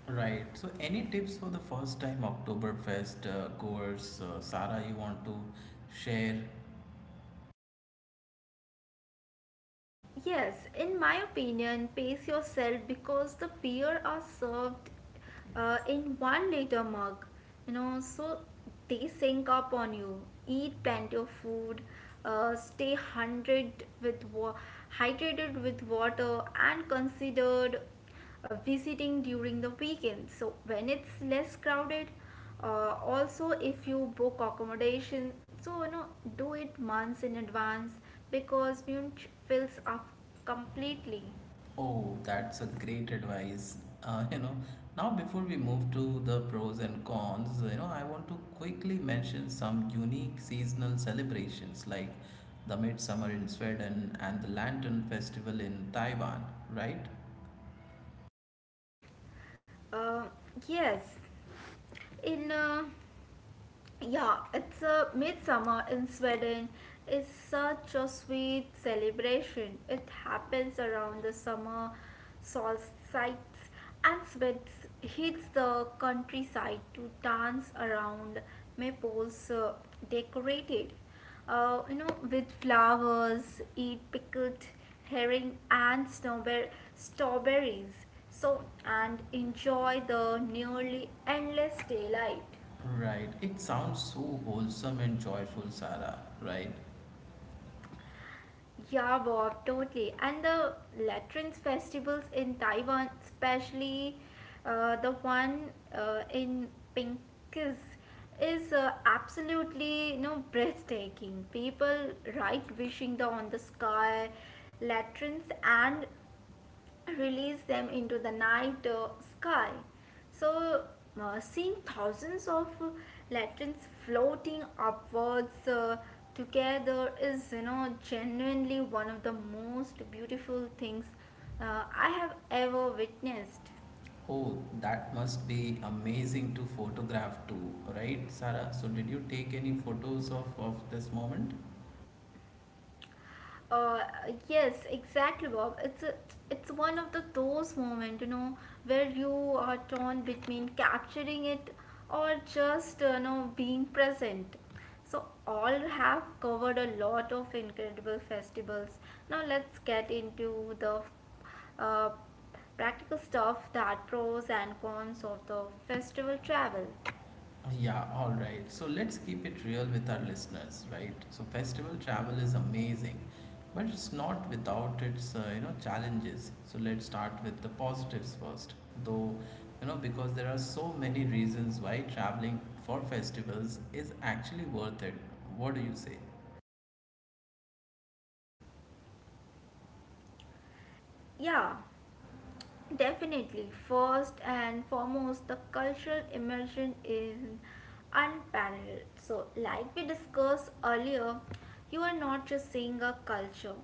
[SPEAKER 1] Right. So, any tips for the first time Oktoberfest goers, Sara, you want to share?
[SPEAKER 2] Yes, in my opinion, pace yourself because the beer are served in 1-liter mug, you know, so they sink up on you. Eat plenty of food, stay hundred with wa- hydrated with water, and considered visiting during the weekend so when it's less crowded also if you book accommodation so you know do it months in advance because munich fills up completely
[SPEAKER 1] Oh, that's a great advice. Uh, you know, Now before we move to the pros and cons, you know, I want to quickly mention some unique seasonal celebrations like the Midsummer in Sweden and the Lantern Festival in Taiwan, right?
[SPEAKER 2] uh, yes in Yeah, it's a midsummer in Sweden is such a sweet celebration. It happens around the summer solstice and Swedes hits the countryside to dance around maples decorated with flowers, eat pickled herring and strawberries. So and enjoy the nearly endless daylight.
[SPEAKER 1] Right. It sounds so wholesome and joyful, Sarah, right?
[SPEAKER 2] Yeah, Bob, totally. And the lanterns festivals in Taiwan, especially the one in Pinkis, is absolutely you know breathtaking. People write wishing the on the sky lanterns and release them into the night sky. So, seeing thousands of latrines floating upwards together is, you know, genuinely one of the most beautiful things I have ever witnessed.
[SPEAKER 1] Oh, that must be amazing to photograph too, right, Sarah? So, did you take any photos of this moment?
[SPEAKER 2] Uh, yes, exactly, Bob. It's one of the those moments, you know, where you are torn between capturing it or just being present. So all have covered a lot of incredible festivals. Now let's get into the uh, practical stuff that pros and cons of the festival travel.
[SPEAKER 1] Yeah, all right. So let's keep it real with our listeners, right? So festival travel is amazing, but it's not without its challenges. So let's start with the positives first, though you know because there are so many reasons why traveling for festivals is actually worth it. What do you say?
[SPEAKER 2] Yeah. Definitely. First and foremost, the cultural immersion is unparalleled. So, like we discussed earlier, you are not just seeing a culture.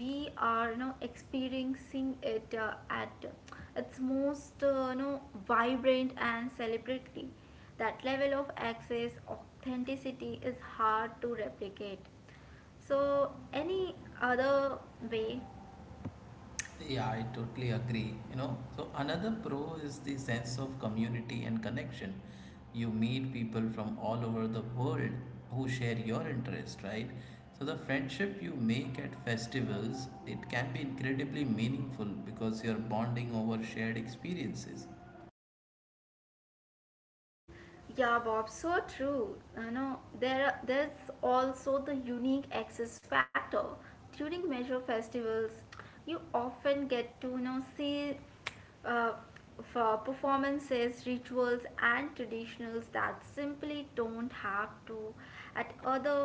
[SPEAKER 2] We are, you know, experiencing it at its most, vibrant and celebratory. That level of access, authenticity is hard to replicate. So, any other way.
[SPEAKER 1] Yeah, I totally agree. You know, so another pro is the sense of community and connection. You meet people from all over the world who share your interest, right? So the friendship you make at festivals, it can be incredibly meaningful because you're bonding over shared experiences.
[SPEAKER 2] Yeah, Bob, so true. You know, there's also the unique access factor. During major festivals, you often get to you know see uh, for performances, rituals, and traditionals that simply don't have to at other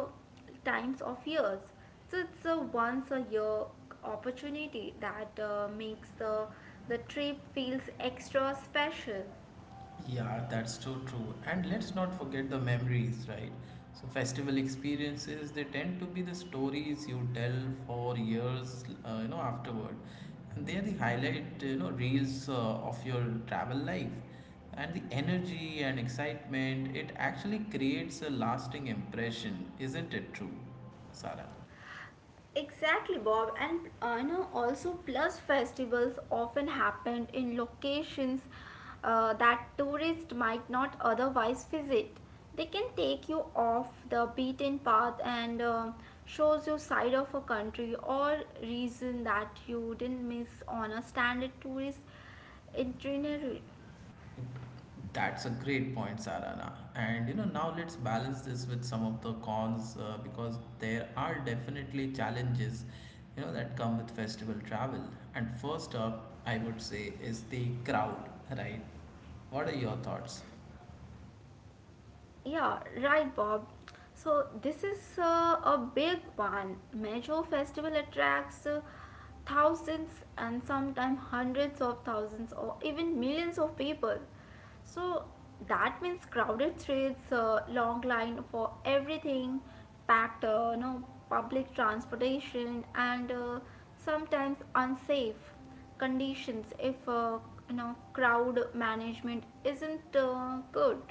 [SPEAKER 2] times of years. So it's a once a year opportunity that makes the trip feels extra special.
[SPEAKER 1] Yeah, that's so true. And let's not forget the memories, right? So, festival experiences, they tend to be the stories you tell for years, you know, afterward. And they are the highlight, you know, reels of your travel life. And the energy and excitement, it actually creates a lasting impression, isn't it true, Sarah?
[SPEAKER 2] Exactly, Bob, and you know also plus festivals often happened in locations that tourists might not otherwise visit. They can take you off the beaten path and shows you side of a country or region that you didn't miss on a standard tourist itinerary.
[SPEAKER 1] That's a great point, Sarana. And you know, now let's balance this with some of the cons because there are definitely challenges, you know, that come with festival travel. And first up, I would say is the crowd, right? What are your thoughts?
[SPEAKER 2] Yeah, right, Bob. So, this is a big one. Major festival attracts thousands and sometimes hundreds of thousands or even millions of people. So, that means crowded streets, long line for everything, packed, public transportation, and sometimes unsafe conditions if you know crowd management isn't good.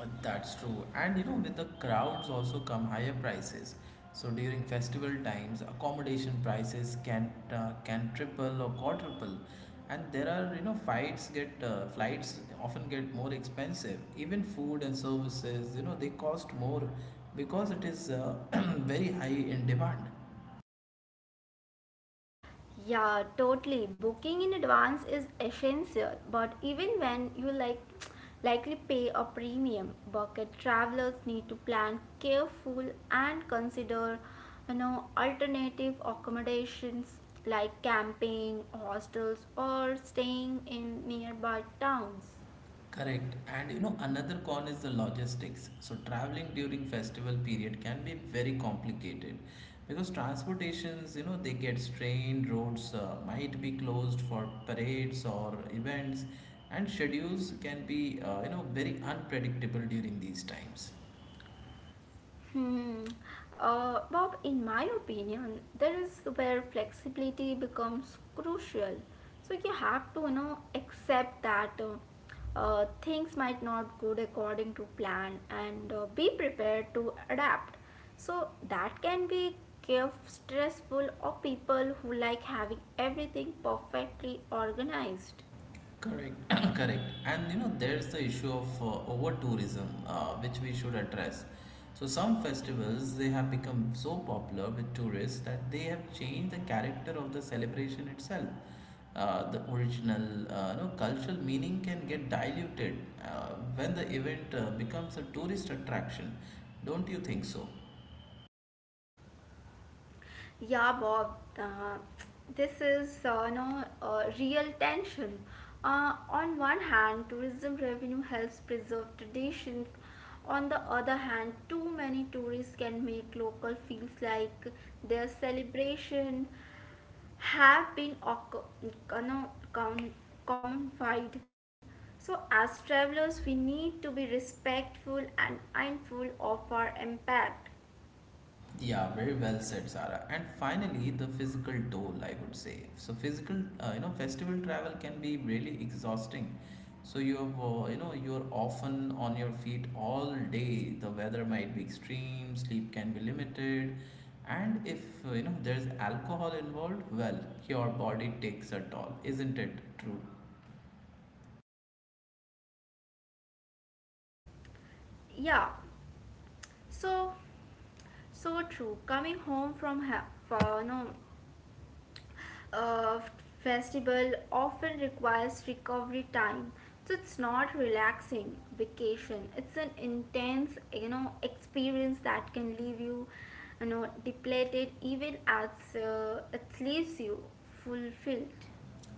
[SPEAKER 1] That's true. And you know, with the crowds also come higher prices. So during festival times, accommodation prices can triple or quadruple. And there are, you know, fights get flights often get more expensive. Even food and services, you know, they cost more because it is very high in demand.
[SPEAKER 2] Yeah, totally. Booking in advance is essential, but even when you like likely pay a premium, bucket travelers need to plan careful and consider you know alternative accommodations like camping, hostels or staying in nearby towns.
[SPEAKER 1] Correct. And you know, another con is the logistics. So, traveling during festival period can be very complicated because transportations, you know, they get strained, roads might be closed for parades or events, and schedules can be, very unpredictable during these times.
[SPEAKER 2] Hmm. Bob, in my opinion, there is where flexibility becomes crucial. So you have to, you know, accept that things might not go according to plan and be prepared to adapt. So that can be give stressful or people who like having everything perfectly organized.
[SPEAKER 1] Correct, correct. And there's the issue of over tourism, which we should address. So some festivals they have become so popular with tourists that they have changed the character of the celebration itself. The original, cultural meaning can get diluted uh, when the event becomes a tourist attraction. Don't you think so?
[SPEAKER 2] Yeah, Bob, this is no real tension. On one hand, tourism revenue helps preserve traditions. On the other hand, too many tourists can make local feels like their celebration have been know, com- commonified. So, as travelers, we need to be respectful and mindful of our impact.
[SPEAKER 1] Yeah, very well said, Sarah. And finally, the physical toll, I would say. So, physical, festival travel can be really exhausting. So you're often on your feet all day. The weather might be extreme, sleep can be limited, and if there's alcohol involved, well, your body takes a toll, isn't it true?
[SPEAKER 2] Yeah, so, so true. Coming home from ha- for no uh, festival often requires recovery time. So it's not relaxing vacation. It's an intense, you know, experience that can leave you, you know, depleted even as it leaves you fulfilled.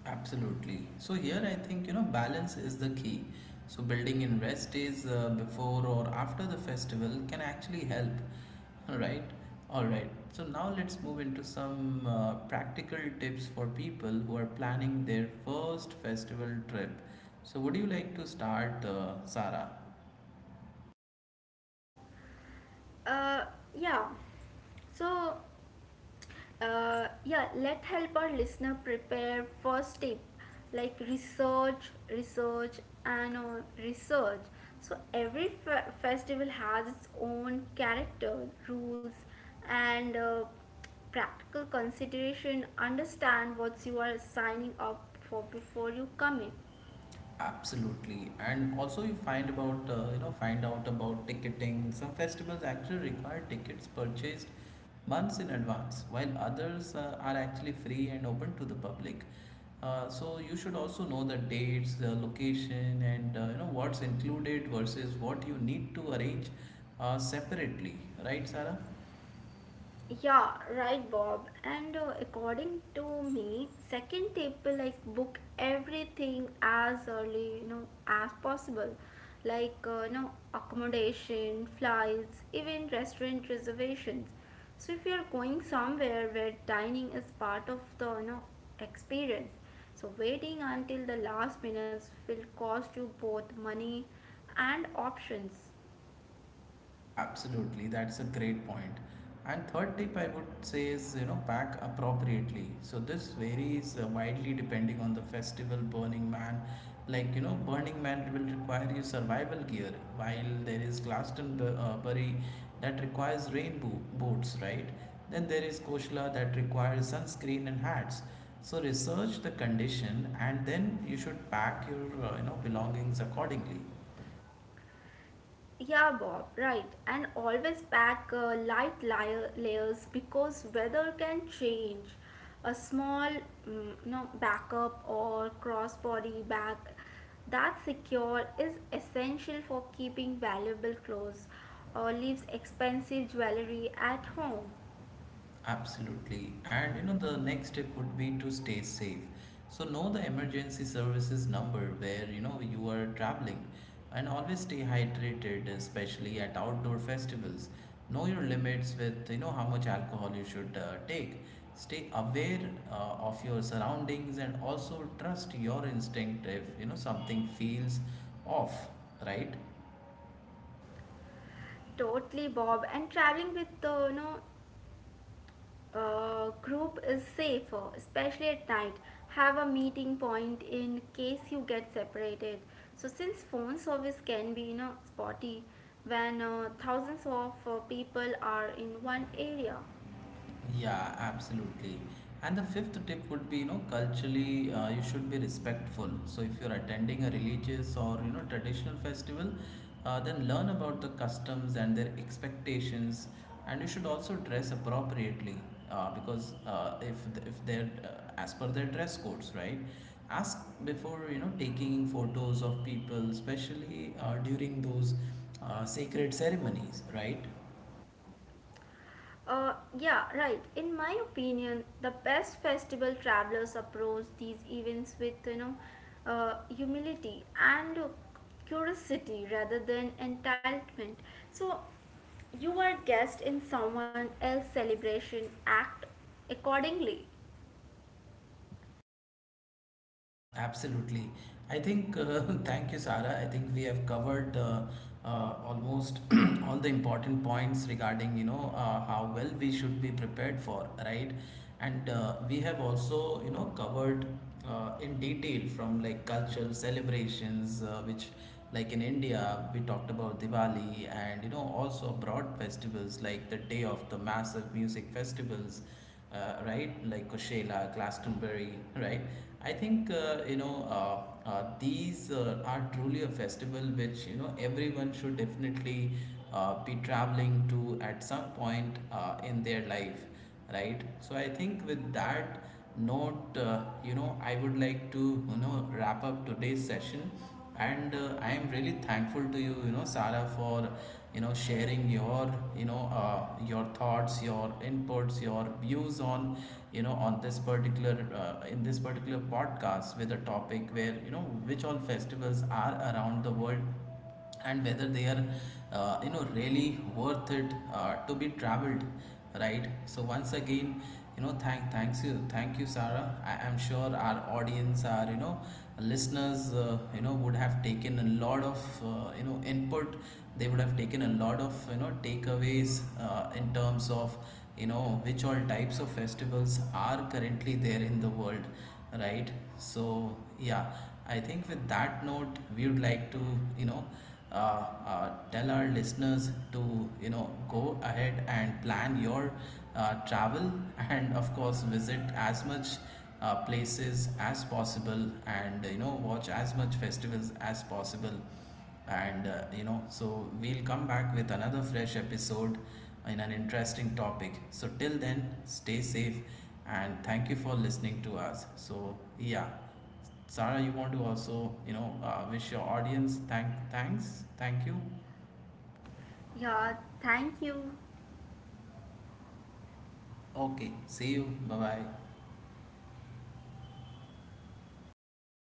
[SPEAKER 1] Absolutely. So here I think balance is the key. So building in rest days before or after the festival can actually help. All right. All right. So now let's move into some practical tips for people who are planning their first festival trip. So would you like to start, Sarah?
[SPEAKER 2] uh, yeah so yeah, let help our listener prepare first tip like and uh, research. So every festival has its own character rules and practical consideration understand what you are signing up for before you commit.
[SPEAKER 1] Absolutely, and also you find about you know find out about ticketing. Some festivals actually require tickets purchased months in advance, while others are actually free and open to the public. So you should also know the dates, the location, and what's included versus what you need to arrange separately. Right, Sarah?
[SPEAKER 2] Yeah, right, Bob. And according to me, second tip like book everything as early, you know, as possible, like you know, accommodation, flights, even restaurant reservations. So if you are going somewhere where dining is part of the you know experience, so waiting until the last minutes will cost you both money and options.
[SPEAKER 1] Absolutely, that's a great point. And third tip I would say is pack appropriately. So this varies widely depending on the festival. Burning Man will require you survival gear, while there is Glastonbury that requires rain boots, right? Then there is Koshla that requires sunscreen and hats. So research the condition and then you should pack your belongings accordingly.
[SPEAKER 2] Yeah, Bob, right. And always pack light layers because weather can change. A small mm, no, backup or crossbody bag that's secure is essential for keeping valuable clothes or leaves expensive jewelry at home.
[SPEAKER 1] Absolutely. And the next step would be to stay safe. So know the emergency services number where you are traveling and always stay hydrated, especially at outdoor festivals. Know your limits with how much alcohol you should take. Stay aware uh, of your surroundings and also trust your instinct if something feels off, right?
[SPEAKER 2] Totally, Bob. And traveling with no group is safer, especially at night. Have a meeting point in case you get separated. So, since phone service can be you know spotty when thousands of people are in one area.
[SPEAKER 1] Yeah, absolutely. And the fifth tip would be, culturally, you should be respectful. So if you're attending a religious or, traditional festival, then learn about the customs and their expectations. And you should also dress appropriately, because if they're as per their dress codes, right? Ask before, taking photos of people, especially during those sacred ceremonies, right?
[SPEAKER 2] Uh, yeah, right. In my opinion, the best festival travelers approach these events with you know humility and curiosity rather than entitlement. So you are guest in someone else's celebration. Act accordingly.
[SPEAKER 1] Absolutely. I think, thank you, Sarah. I think we have covered almost all the important points regarding, how well we should be prepared for, right? And we have also, covered in detail from like cultural celebrations, which like in India, we talked about Diwali and, also broad festivals like the day of the massive music festivals, right? Like Coachella, Glastonbury, right? I think these are truly a festival which everyone should definitely be traveling to at some point in their life, right? So I think with that note, I would like to wrap up today's session. And I am really thankful to you, you know Sarah, for sharing your thoughts, your inputs, your views on you know on this particular in this particular podcast with a topic where which all festivals are around the world, and whether they are really worth it to be traveled, right? So once again, thank you, Sarah. I am sure our audience, our listeners would have taken a lot of input. They would have taken a lot of takeaways in terms of which all types of festivals are currently there in the world, right? So yeah, I think with that note, we would like to, you know, tell our listeners to, go ahead and plan your travel, and, of course, visit as much places as possible and, watch as much festivals as possible. And, so we'll come back with another fresh episode in an interesting topic. So, till then, stay safe and thank you for listening to us. So, yeah, Sarah, you want to also, wish your audience? Thank thank you.
[SPEAKER 2] Yeah, thank you.
[SPEAKER 1] Okay, see you. Bye bye.